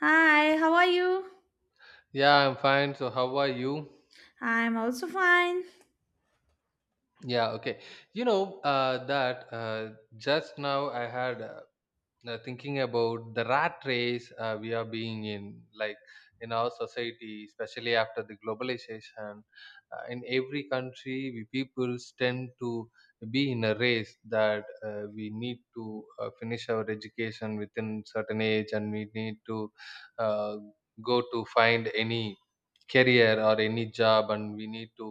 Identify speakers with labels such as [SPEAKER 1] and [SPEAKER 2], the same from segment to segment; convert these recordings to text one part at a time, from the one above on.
[SPEAKER 1] Hi, how are you?
[SPEAKER 2] Yeah, I'm fine. So, how are you?
[SPEAKER 1] I'm also fine.
[SPEAKER 2] Yeah, okay. That just now I had thinking about the rat race we are being in, like in our society, especially after the globalization. In every country, we people tend to be in a race that we need to finish our education within certain age, and we need to uh, go to find any career or any job, and we need to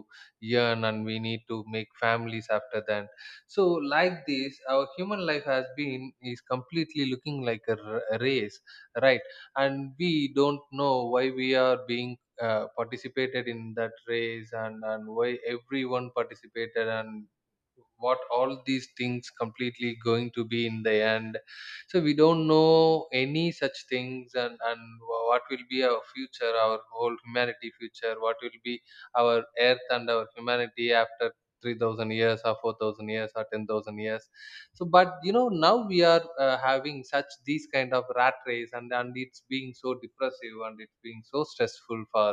[SPEAKER 2] earn, and we need to make families after that. So like this, our human life has been is completely looking like a race, right? And we don't know why we are being participated in that race, and why everyone participated, and what all these things completely going to be in the end. So we don't know any such things, and what will be our future, our whole humanity future, what will be our Earth and our humanity after 3000 years or 4000 years or 10,000 years. So but you know, now we are having such these kind of rat race, and it's being so depressive, and it's being so stressful for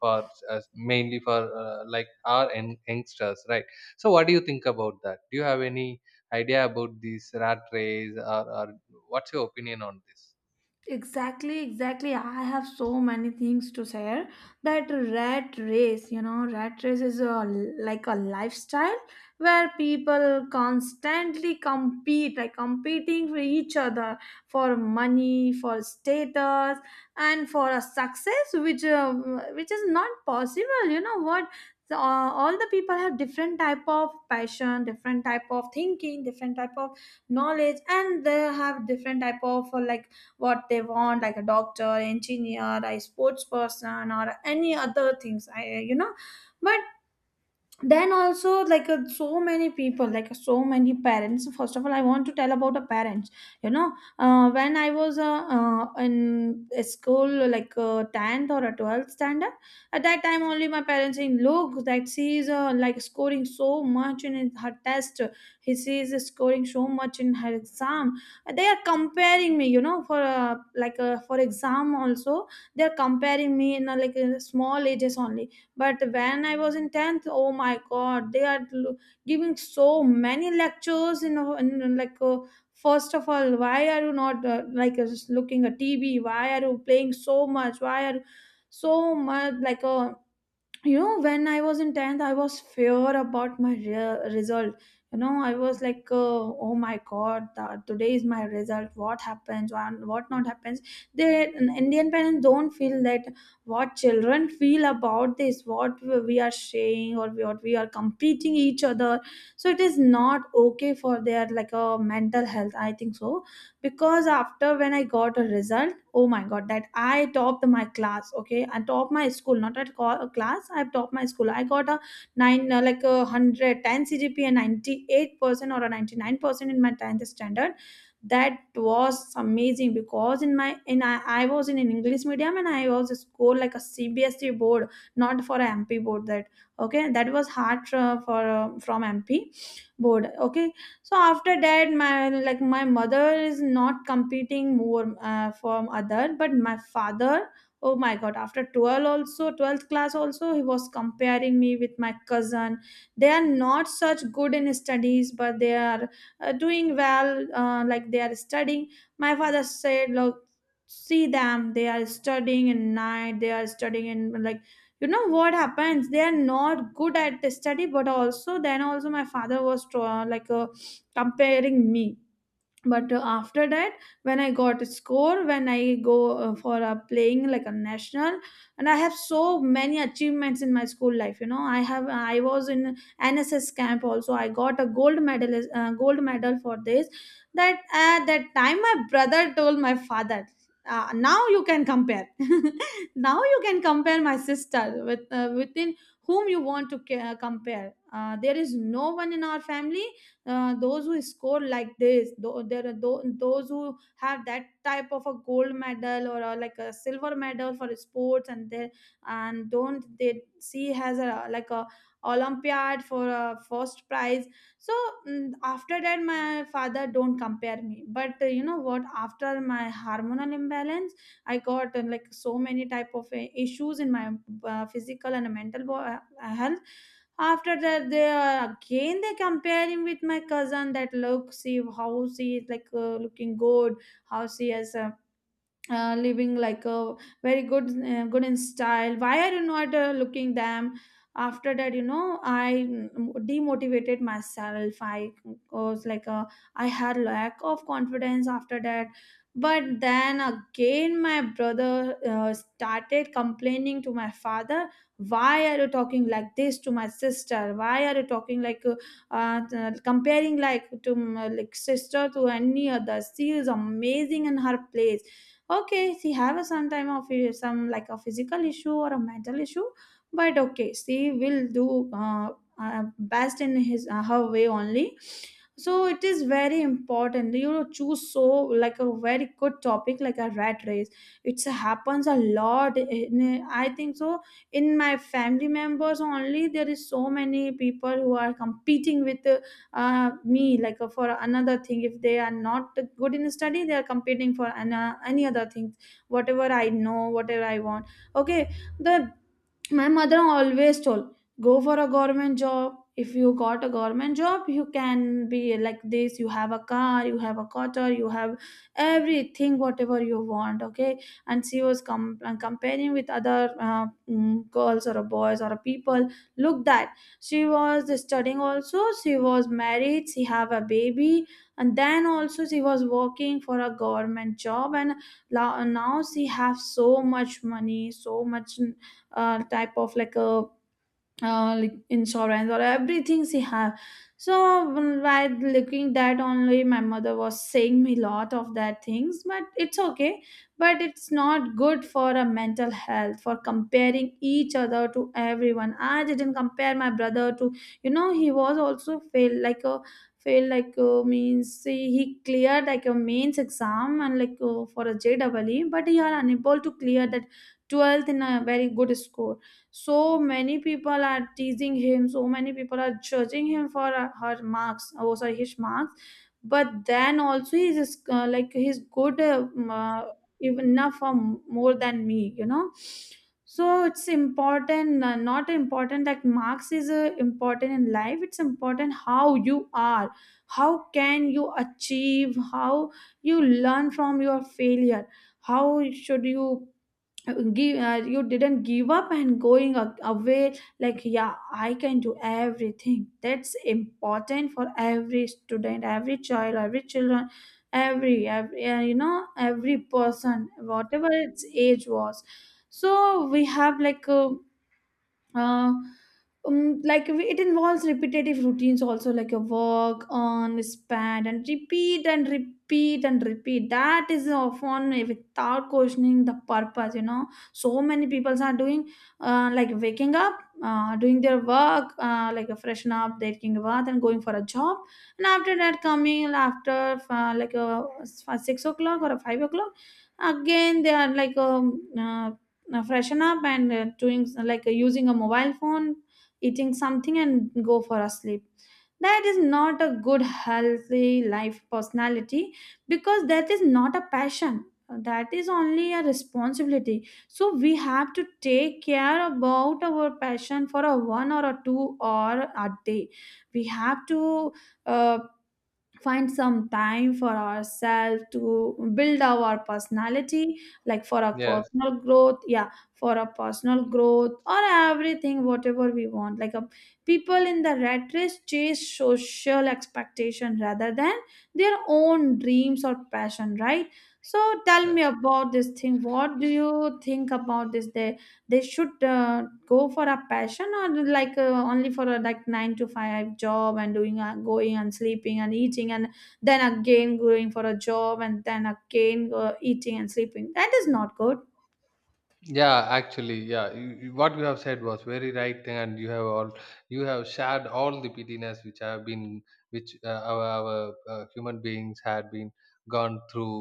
[SPEAKER 2] for uh, mainly for like our youngsters, right? So what do you think about that? Do you have any idea about this rat race, or what's your opinion on this?
[SPEAKER 1] Exactly, exactly. I have so many things to share. That rat race, you know, rat race is a, like a lifestyle where people constantly compete, like competing for each other for money, for status, and for a success, which is not possible. You know what? So, all the people have different type of passion, different type of thinking, different type of knowledge, and they have different type of like what they want, like a doctor, engineer, a sports person or any other things, I, you know, but then also like so many people, like so many parents. First of all, I want to tell about a parents, you know. When I was in a school, like 10th or a 12th standard. At that time only my parents saying, look, that she is like scoring so much in her test, he she is scoring so much in her exam. They are comparing me, you know, for like for exam also. They are comparing me in like small ages only. But when I was in 10th, oh my god, giving so many lectures in, in like first of all, why are you not like just looking at TV, why are you playing so much, why are you so much like a, you know. When I was in 10th, I was fear about my result. You know, I was like oh my god, that today is my result, what happens and what not happens. They, Indian parents don't feel that, what children feel about this, what we are saying or what we are competing each other. So it is not okay for their like a mental health, I think so. Because after when I got a result, oh my god, that I topped my class. Okay, I topped my school, not at class, I topped my school. I got a 9, like a 110 CGP, and 98% or a 99% in my 10th standard. That was amazing because in my in I was in an English medium, and I was a school like a CBSE board, not for a MP board. That okay, that was hard for from MP board. Okay, so after that my, like my mother is not competing more from other, but my father, oh my god, after 12 also, 12th class also, he was comparing me with my cousin. They are not such good in studies, but they are doing well, like they are studying. My father said, look, see them, they are studying in night, they are studying in like, you know what happens, they are not good at the study, but also then also my father was like a comparing me. But after that, when I got a score, when I go for a playing like a national, and I have so many achievements in my school life, you know, I have, I was in NSS camp also, I got a gold medal, gold medal for this. That at that time my brother told my father, now you can compare, now you can compare my sister with within whom you want to compare. There is no one in our family, those who score like this, though there are those who have that type of a gold medal or a, like a silver medal for sports, and they, and don't they see has a like a olympiad for a first prize. So mm, after that my father don't compare me, but you know what, after my hormonal imbalance, I got like so many type of issues in my physical and mental health. After that they, again they compare him with my cousin, that look, see how she is like looking good, how she has living like a very good, good in style, why are you not looking them. After that, you know, I mm, demotivated myself, I was like a, I had lack of confidence after that. But then again my brother started complaining to my father, why are you talking like this to my sister, why are you talking like comparing like to mm, like sister to any other, she is amazing in her place. Okay, she have a some time of some like a physical issue or a mental issue, but okay, she will do, best in his, her way only. So it is very important, you know, choose so like a very good topic, like a rat race. It happens a lot in, I think so, in my family members only, there is so many people who are competing with me, like for another thing. If they are not good in study, they are competing for an, any other things, whatever I know whatever I want. Okay, the my mother always told, go for a government job, if you got a government job, you can be like this, you have a car, you have a quarter, you have everything whatever you want. Okay, and she was comparing with other, girls or a boys or a people, look that she was studying also, she was married, she have a baby, and then also she was working for a government job, and now she have so much money, so much type of like a, like insurance or everything she have. So while looking that only, my mother was saying me lot of that things, but it's okay, but it's not good for a mental health for comparing each other to everyone. I didn't compare my brother to, you know, he was also fail like a, fail like means see, he cleared like a mains exam and like for a JEE, but he are unable to clear that 12th in a very good score. So many people are teasing him, so many people are judging him for her marks, oh sorry, his marks. But then also he's like he's good, even enough for more than me, you know. So it's important, not important that marks is important in life, it's important how you are, how can you achieve, how you learn from your failure, how should you give, you didn't give up and going away, like yeah, I can do everything, that's important for every student, every child, every children, every you know, every person whatever its age was. So we have like, uh, like it involves repetitive routines also, like your work on span and repeat and repeat and repeat, that is often without questioning the purpose, you know. So many people are doing, like waking up, doing their work, like a freshen up, taking a bath and going for a job, and after that coming after, like a, 6 o'clock or a 5 o'clock, again they are like, now freshen up and doing like using a mobile phone, eating something, and go for a sleep. That is not a good, healthy life personality, because that is not a passion. That is only a responsibility. So we have to take care about our passion for a one or a two or a day. We have to. Uh, Find some time for ourselves to build our personality, like for a
[SPEAKER 2] Yes.
[SPEAKER 1] personal growth, yeah, for a personal growth or everything whatever we want, like a, people in the rat race chase social expectation rather than their own dreams or passion, right? So tell
[SPEAKER 2] Yeah.
[SPEAKER 1] me about this thing, what do you think about this? They should go for a passion, or like only for a like 9 to 5 job and doing going and sleeping and eating, and then again going for a job and then again eating and sleeping, that is not good.
[SPEAKER 2] Yeah, actually, yeah, what you have said was very right thing, and you have all you have shared all the pettiness which have been which our human beings had been gone through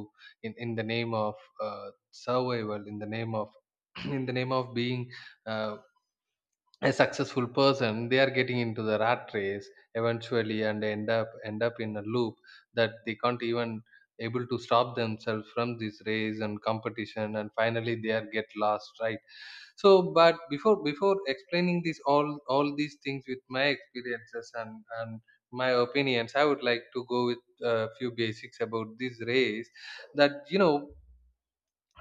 [SPEAKER 2] in the name of uh, survival, in the name of in the name of being uh, a successful person. They are getting into the rat race eventually, and they end up in a loop that they can't even able to stop themselves from this race and competition, and finally they are get lost, right? So but before explaining this all these things with my experiences and my opinions, I would like to go with a few basics about this race. That you know,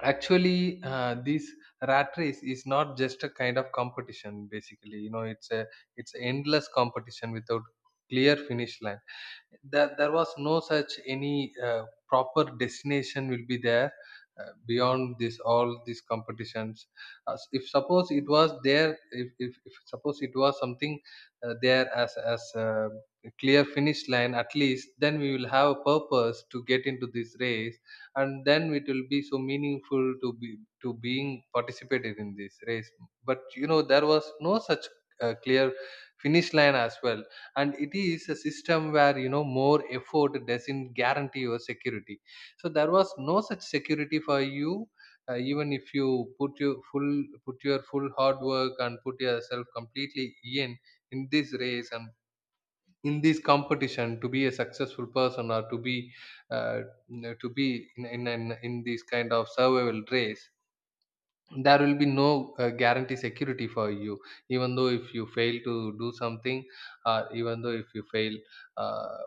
[SPEAKER 2] actually this rat race is not just a kind of competition. Basically, you know, it's a it's endless competition without clear finish line. There was no such any proper destination will be there beyond this all these competitions. If suppose it was there, if suppose it was something there as a clear finish line, at least then we will have a purpose to get into this race, and then it will be so meaningful to be to being participated in this race. But you know, there was no such clear finish line as well. And it is a system where, you know, more effort doesn't guarantee your security. So there was no such security for you. Even if you put your full hard work and put yourself completely in in this race and in this competition to be a successful person, or uh, to be in this kind of survival race, there will be no guarantee security for you. Even though if you fail to do something, even though if you fail, uh,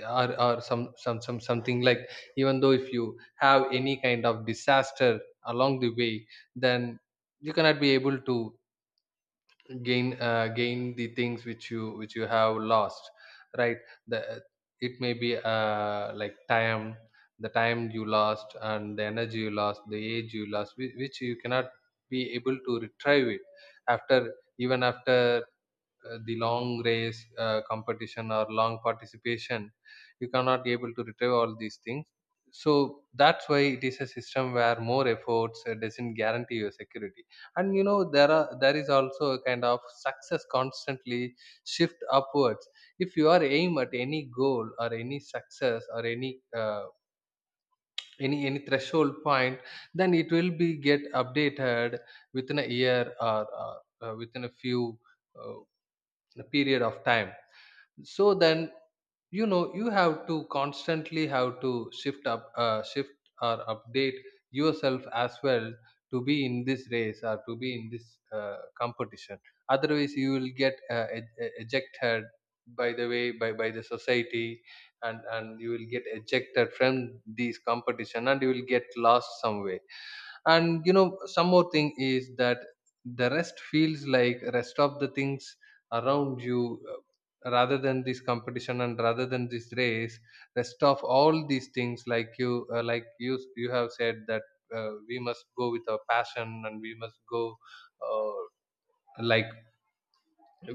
[SPEAKER 2] or something like, even though if you have any kind of disaster along the way, then you cannot be able to gain the things which you have lost, right? The it may be like time, the time you lost, and the energy you lost, the age you lost, which you cannot be able to retrieve it after, even after the long race competition or long participation, you cannot able to retrieve all these things. So that's why it is a system where more efforts doesn't guarantee your security. And you know, there is also a kind of success constantly shift upwards. If you are aim at any goal or any success or uh, any threshold point, then it will be get updated within a year, or within a few uh, period of time. So then you know, you have to constantly have to shift or update yourself as well, to be in this race or to be in this competition. Otherwise you will get ejected by the way by the society, and you will get ejected from these competition, and you will get lost somewhere. And you know, some more thing is that the rest feels like rest of the things around you, rather than this competition and rather than this race, rest of all these things. Like you like you have said that we must go with our passion, and we must go uh, like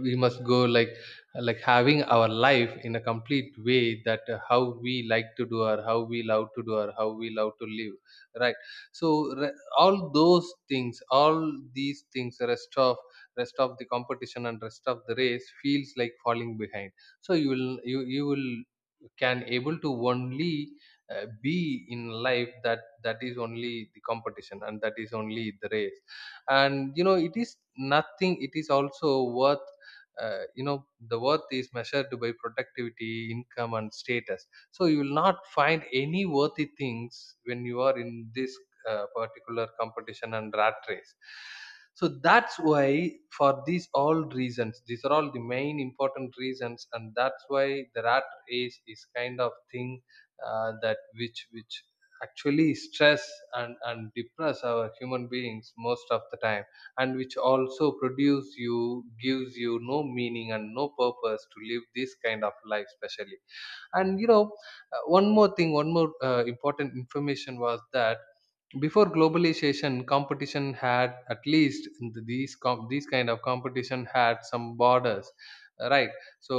[SPEAKER 2] we must go like like having our life in a complete way, that how we like to do, or how we love to do, or how we love to live, right? So all those things, all these things, rest of the competition and rest of the race feels like falling behind. So you will can able to only be in life that is only the competition and that is only the race. And you know, it is nothing, it is also worth. You know, the worth is measured by productivity, income and status. So you will not find any worthy things when you are in this particular competition and rat race. So that's why for these all reasons, these are all the main important reasons, and that's why the rat race is kind of thing that which actually stress and depress our human beings most of the time, and which also produce you gives you no meaning and no purpose to live this kind of life, especially. And you know, one more thing, one more important information was that before globalization, competition had at least in the- these com- these kind of competition had some borders, right? So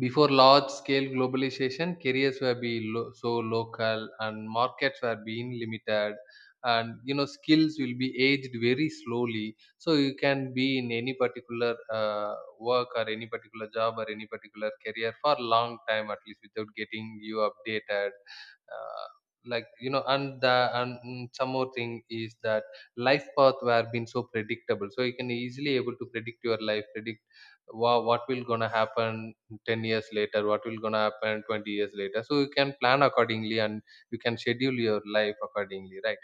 [SPEAKER 2] before large scale globalization, careers were being so local, and markets were being limited. And you know, skills will be aged very slowly, so you can be in any particular work, or any particular job, or any particular career for long time, at least without getting you updated. uh, like you know, and some more thing is that life path were been so predictable. So you can easily able to predict your life predict what will gonna happen 10 years later, what will gonna happen 20 years later, so you can plan accordingly, and you can schedule your life accordingly, right?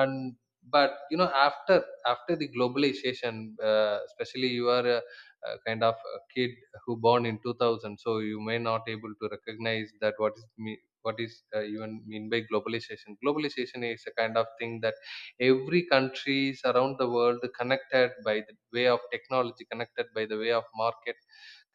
[SPEAKER 2] And but you know, after after the globalization, especially you are a kind of a kid who born in 2000, so you may not able to recognize that what is me, what is even mean by globalization. Globalization is a kind of thing that every countries around the world connected by the way of technology, connected by the way of market,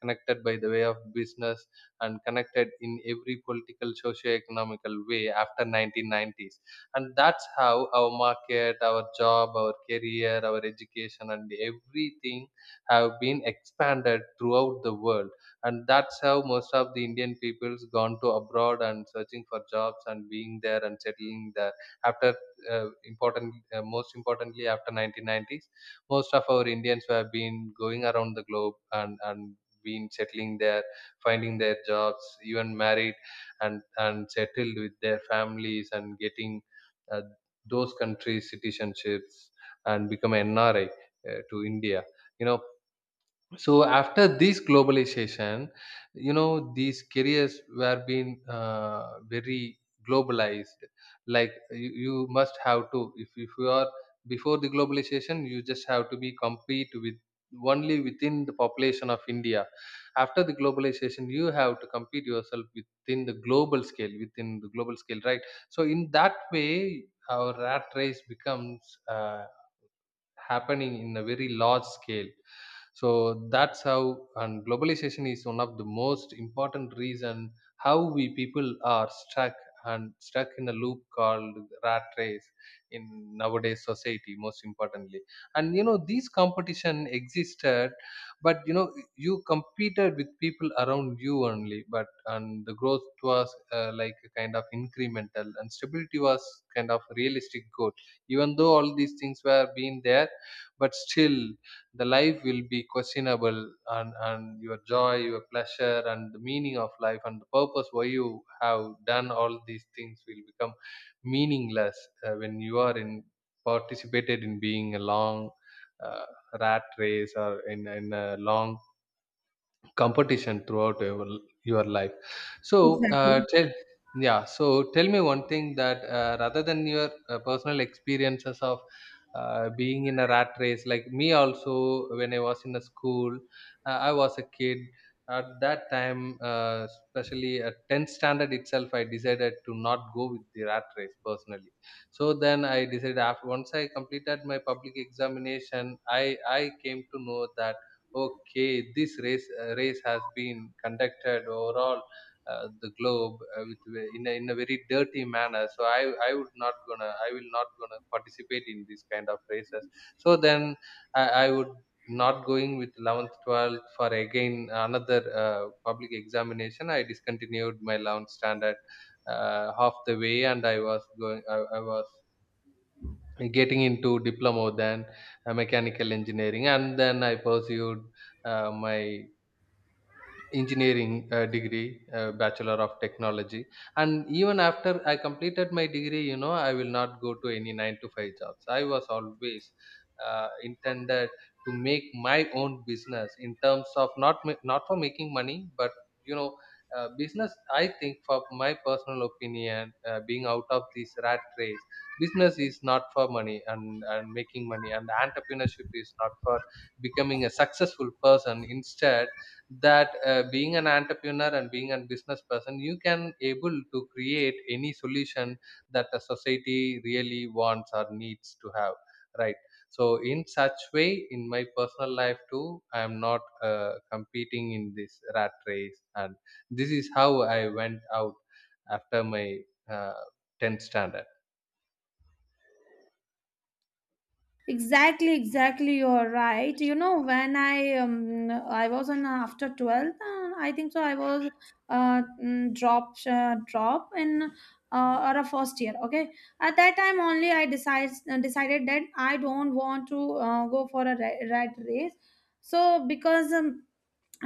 [SPEAKER 2] connected by the way of business, and connected in every political socio-economical way after 1990s. And that's how our market, our job, our career, our education and everything have been expanded throughout the world. And that's how most of the Indian peoples gone to abroad and searching for jobs and being there and settling there after. Important Most importantly, after 1990s, most of our Indians who have been going around the globe and been settling there, finding their jobs, even married, and settled with their families, and getting uh, those countries citizenships and become NRI to India, you know. So after this globalization, you know, these careers were being very globalized. Like you must have to, if you are, before the globalization you just have to be compete with only within the population of India. After the globalization, you have to compete yourself within the global scale, within the global scale, right? So in that way, our rat race becomes happening in a very large scale. So that's how, and globalization is one of the most important reason how we people are stuck and stuck in a loop called rat race in nowadays society, most importantly. And you know, these competition existed, but you know, you competed with people around you only. But and the growth was like a kind of incremental, and stability was kind of realistic goal. Even though all these things were being there, but still the life will be questionable, and your joy, your pleasure, and the meaning of life, and the purpose why you have done all these things will become meaningless, when you are in participated in being a long uh, rat race or In a long competition throughout your life. So
[SPEAKER 1] Exactly.
[SPEAKER 2] tell Yeah, so tell me one thing that, rather than your personal experiences of being in a rat race. Like me also, when I was in a school, I was a kid at that time. Especially at 10th standard itself, I decided to not go with the rat race personally. So then I decided, after once I completed my public examination, I came to know that, okay, this race, race has been conducted overall the globe with in a very dirty manner. So I would not gonna, I will not gonna participate in this kind of races. So then I would not going with 11th, 12th for again another public examination. I discontinued my 11th standard half the way, and I was going, I was getting into diploma, than mechanical engineering, and then I pursued my engineering degree, bachelor of technology. And even after I completed my degree, you know, I will not go to any 9 to 5 jobs. I was always intended to make my own business, in terms of not not for making money, but you know, business. I think, for my personal opinion, being out of this rat race, business is not for money, and making money, and entrepreneurship is not for becoming a successful person. Instead that, being an entrepreneur and being a business person, you can able to create any solution that the society really wants or needs to have, right? So in such way, in my personal life too, I am not competing in this rat race, and this is how I went out after my uh, 10th standard.
[SPEAKER 1] Exactly, exactly. You're right. You know, when I was on after 12th, I think so. I was drop in or a first year. Okay, at that time only I decides decided that I don't want to go for a red race. So because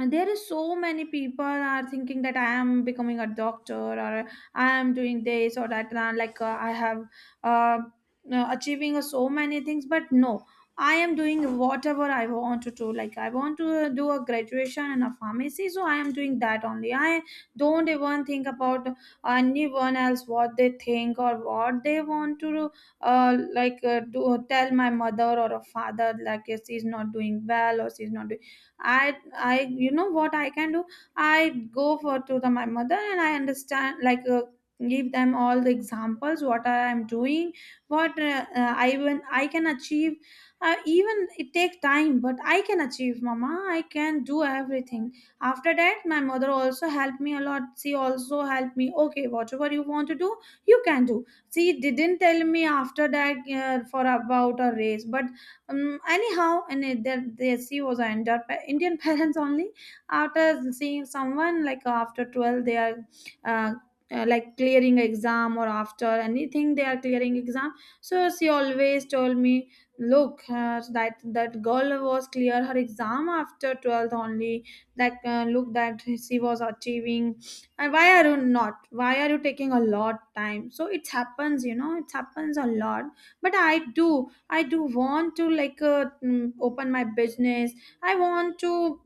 [SPEAKER 1] and there is so many people are thinking that I am becoming a doctor or I am doing this or that. And I'm like I have uh, achieving so many things. But no, I am doing whatever I want to do. Like I want to do a graduation in a pharmacy, so I am doing that only. I don't even think about anyone else, what they think or what they want to do. Tell my mother or a father like yes, she's not doing well or she's not doing. I i you know what I can do. I go for to the, my mother and I understand give them all the examples what I am doing, what I even I can achieve. Even it takes time but I can achieve. Mama, I can do everything. After that my mother also helped me a lot. She also helped me, okay, whatever you want to do you can do. She didn't tell me after that for about a raise. But anyhow, that the she was an Indian Indian parents only. After seeing someone like after 12, they are uh, like clearing exam, or after anything they are clearing exam. So she always told me, look, that girl was clear her exam after 12th only. That look that she was achieving. And why are you not? Why are you taking a lot time? So it happens, it happens a lot. But I do want to like open my business. I want to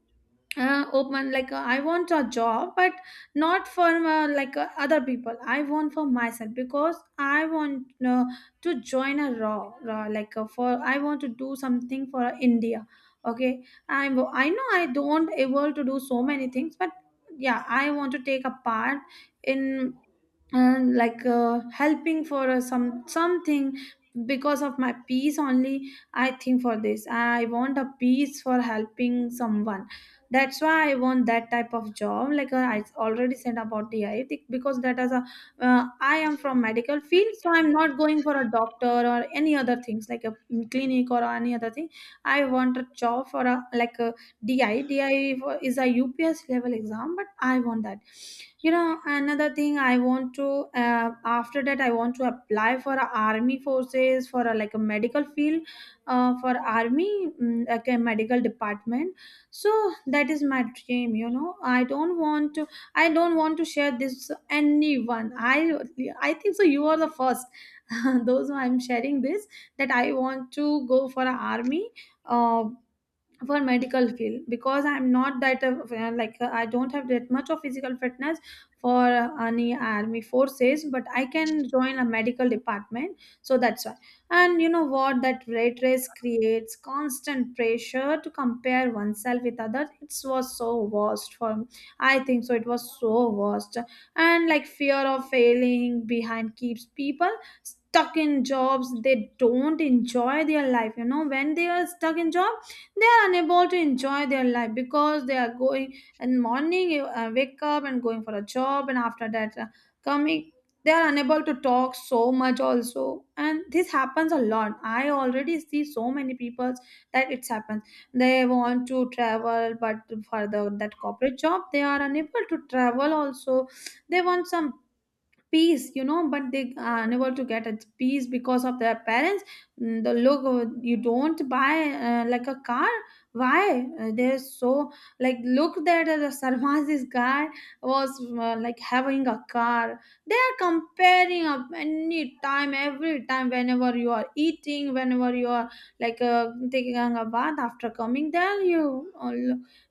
[SPEAKER 1] open I want a job but not for other people. I want for myself because I want to join a raw like for I want to do something for India. Okay, I know I don't able to do so many things, but yeah I want to take a part in and helping for some something. Because of my peace only I think, for this I want a peace for helping someone. That's why I want that type of job. I already said about the because that is as a I am from medical field, so I'm not going for a doctor or any other things, like a clinic or any other thing. I want a job for a like a di di is a ups level exam, but I want that. You know, another thing I want to uh, after that I want to apply for a army forces for a, like a medical field, for army, like a medical department. So that is my dream. You know, I don't want to I don't want to share this to anyone. I think so you are the first those who I'm sharing this, that I want to go for a army, uh, for medical field, because I'm not that I don't have that much of physical fitness for any army forces, but I can join a medical department. So that's why. And you know what, that rat race creates constant pressure to compare oneself with others. It was so worst for me. I think so it was so worst. And like fear of failing behind keeps people stuck in jobs they don't enjoy their life. You know, when they are stuck in job they are unable to enjoy their life, because they are going in morning. You wake up and going for a job, and after that coming, they are unable to talk so much also. And this happens a lot. I already see so many people that it's happened. They want to travel, but for the that corporate job they are unable to travel also. They want some peace, you know, but they are unable to get a peace because of their parents. The look you don't buy like a car. Why? They're so like look that Sarmaz, this guy was like having a car. They are comparing up any time, every time, whenever you are eating, whenever you are taking a bath, after coming there you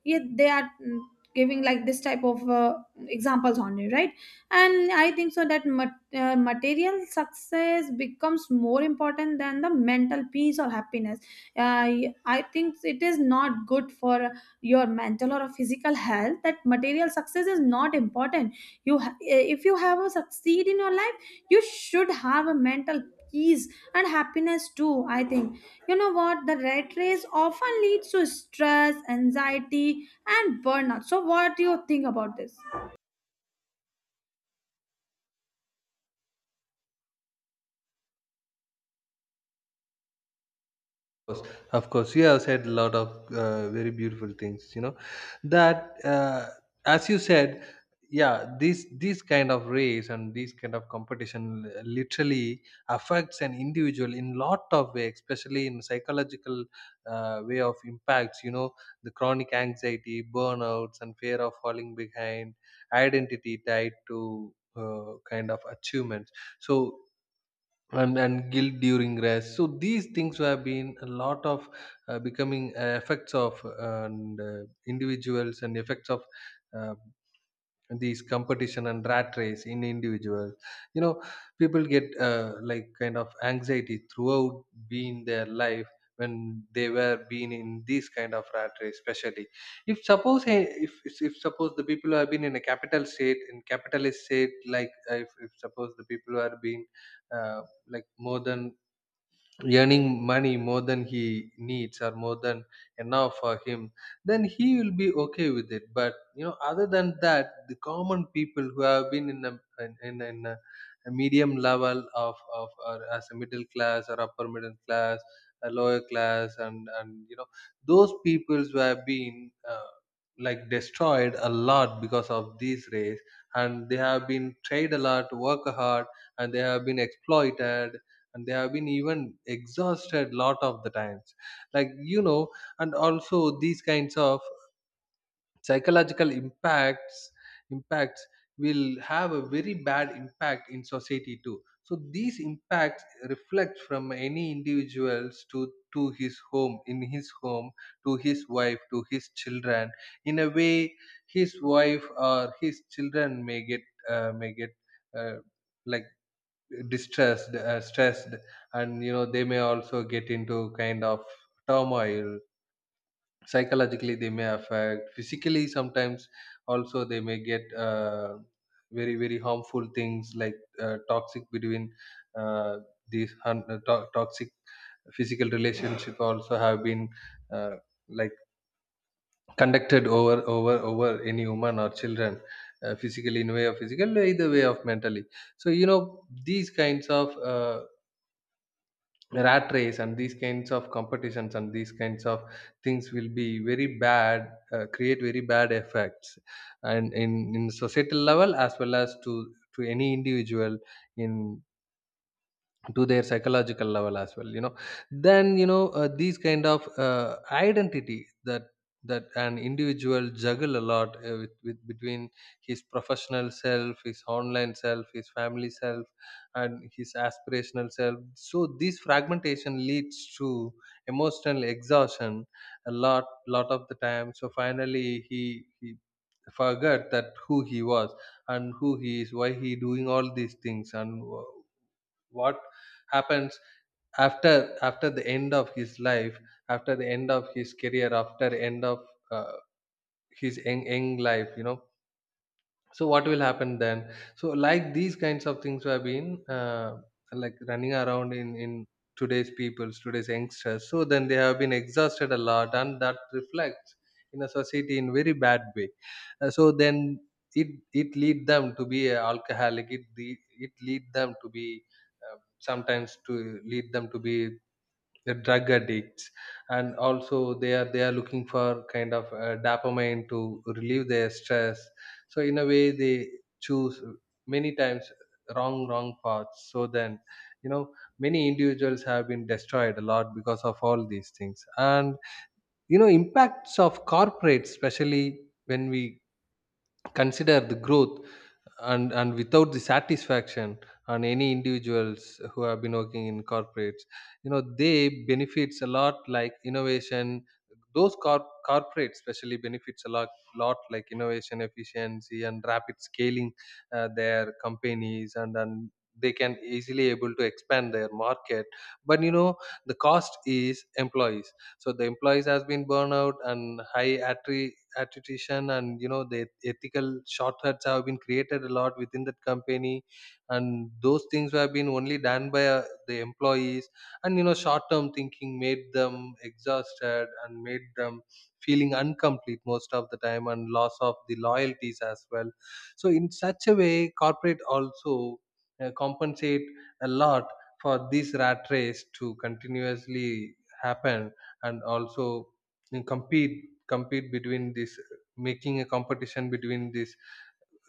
[SPEAKER 1] yeah, they are giving like this type of examples on you, right. And I think so that material success becomes more important than the mental peace or happiness. uh, I think it is not good for your mental or physical health. That material success is not important. If you have a succeed in your life, you should have a mental peace and happiness too, I think. You know what, the rat race often leads to stress, anxiety and burnout. So what do you think about this?
[SPEAKER 2] Course, of course, you have said a lot of very beautiful things. You know that, as you said, yeah, this kind of race and this kind of competition literally affects an individual in lot of way, especially in psychological way of impacts. You know, the chronic anxiety, burnouts, and fear of falling behind, identity tied to kind of achievements. So and guilt during rest, so these things have been a lot of becoming effects of and individuals and effects of uh, these competition and rat race in individuals. You know, people get like kind of anxiety throughout being their life, when they were being in this kind of rat race. Especially, if suppose if, if suppose the people who have been in a capital state, in capitalist state, like if suppose the people who are being uh, like more than earning money, more than he needs, or more than enough for him, then he will be okay with it. But you know, other than that, the common people who have been in a, in, in a medium level of, or as a middle class or upper middle class, a lower class, and you know, those peoples who have been like destroyed a lot because of this race, and they have been tried a lot to work hard, and they have been exploited, and they have been even exhausted lot of the times, like you know. And also these kinds of psychological impacts will have a very bad impact in society too. So these impacts reflect from any individuals to his home, in his home, to his wife, to his children. In a way, his wife or his children may get uh, may get uh, like distressed, stressed, and you know, they may also get into kind of turmoil psychologically. They may affect physically sometimes. Also, they may get very very harmful things, like toxic between, uh, toxic physical relationship also have been uh, like conducted over over over any woman or children, physically, in way of physical, either way of mentally. So you know, these kinds of rat race, and these kinds of competitions, and these kinds of things will be very bad, create very bad effects, and in societal level, as well as to any individual in to their psychological level as well, you know. Then, you know, these kind of identity, that that an individual juggle a lot with between his professional self, his online self, his family self, and his aspirational self. So this fragmentation leads to emotional exhaustion a lot lot of the time. So finally he forgot that who he was, and who he is, why he doing all these things, and what happens after after the end of his life, after the end of his career, after end of uh, his young life, you know. So what will happen then? So like these kinds of things have been like running around in today's people's, today's youngsters. So then they have been exhausted a lot, and that reflects in a society in very bad way. So then it it lead them to be a alcoholic, it lead them to be, um, sometimes to lead them to be the drug addicts. And also they are, they are looking for kind of dopamine to relieve their stress. So in a way, they choose many times wrong paths. So then, you know, many individuals have been destroyed a lot because of all these things. And you know, impacts of corporates especially, when we consider the growth, and without the satisfaction on any individuals who have been working in corporates. You know, they benefits a lot, like innovation. Those corporates especially benefits a lot, lot, like innovation, efficiency, and rapid scaling their companies, and they can easily able to expand their market. But you know, the cost is employees. So the employees has been burnout, and high attitude, and you know, the ethical shortcuts have been created a lot within that company. And those things have been only done by the employees. And you know, short term thinking made them exhausted, and made them feeling incomplete most of the time, and loss of the loyalties as well. So in such a way, corporate also compensate a lot for this rat race to continuously happen. And also, and compete between this, making a competition between these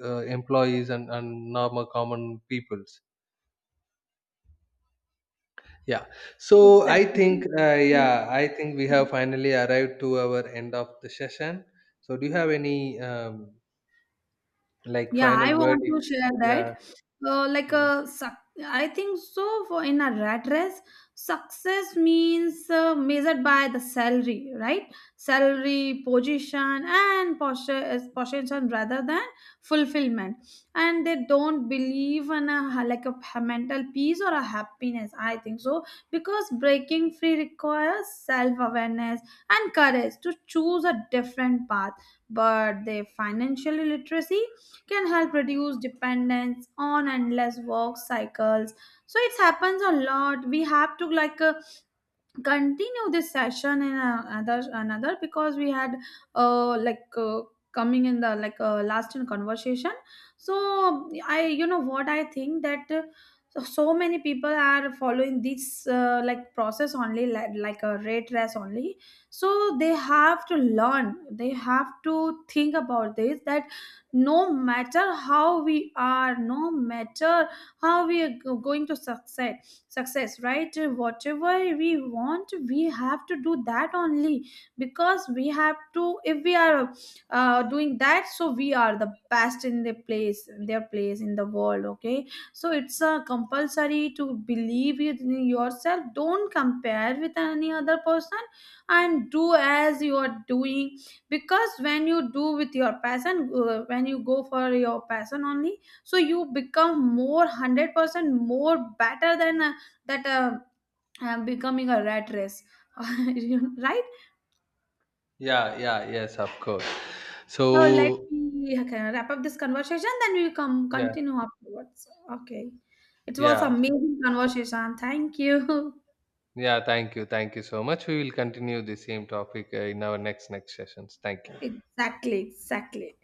[SPEAKER 2] employees, and normal common peoples, yeah. So I
[SPEAKER 1] Exactly,
[SPEAKER 2] think,
[SPEAKER 1] exactly.
[SPEAKER 2] yeah, I think we have finally arrived to our end of the session. So do you have any, like,
[SPEAKER 1] Yeah, I
[SPEAKER 2] final word?
[SPEAKER 1] want to share
[SPEAKER 2] Yeah.
[SPEAKER 1] that. Uh, like
[SPEAKER 2] Mm.
[SPEAKER 1] a, suc- I think so. For in a rat race, success means measured by the salary, right? Salary, position, and posture, position rather than fulfillment. And they don't believe in a mental peace or a happiness. I think so, because breaking free requires self awareness and courage to choose a different path. But the financial literacy can help reduce dependence on endless work cycles. So it happens a lot. We have to continue this session in another another, because we had uh like uh, coming in the last in conversation. So i, you know what, I think that so so many people are following this like process only, like a rate race only. So they have to learn, they have to think about this, that no matter how we are, no matter how we are going to success, success, right, whatever we want we have to do that only. Because we have to, if we are doing that, so we are the best in the place, their place in the world. Okay, so it's a compulsory to believe in yourself. Don't compare with any other person and do as you are doing. Because when you do with your passion, when you go for your passion only, so you become more 100% more better than that becoming a rat race. You- right.
[SPEAKER 2] Yeah, yeah, yes, of course.
[SPEAKER 1] So let
[SPEAKER 2] So
[SPEAKER 1] me, okay, wrap up this conversation then we come
[SPEAKER 2] yeah,
[SPEAKER 1] continue afterwards. Okay, it was
[SPEAKER 2] yeah,
[SPEAKER 1] amazing conversation, thank you.
[SPEAKER 2] yeah, thank you, thank you so much. We will continue the same topic in our next sessions. Thank you.
[SPEAKER 1] Exactly, exactly.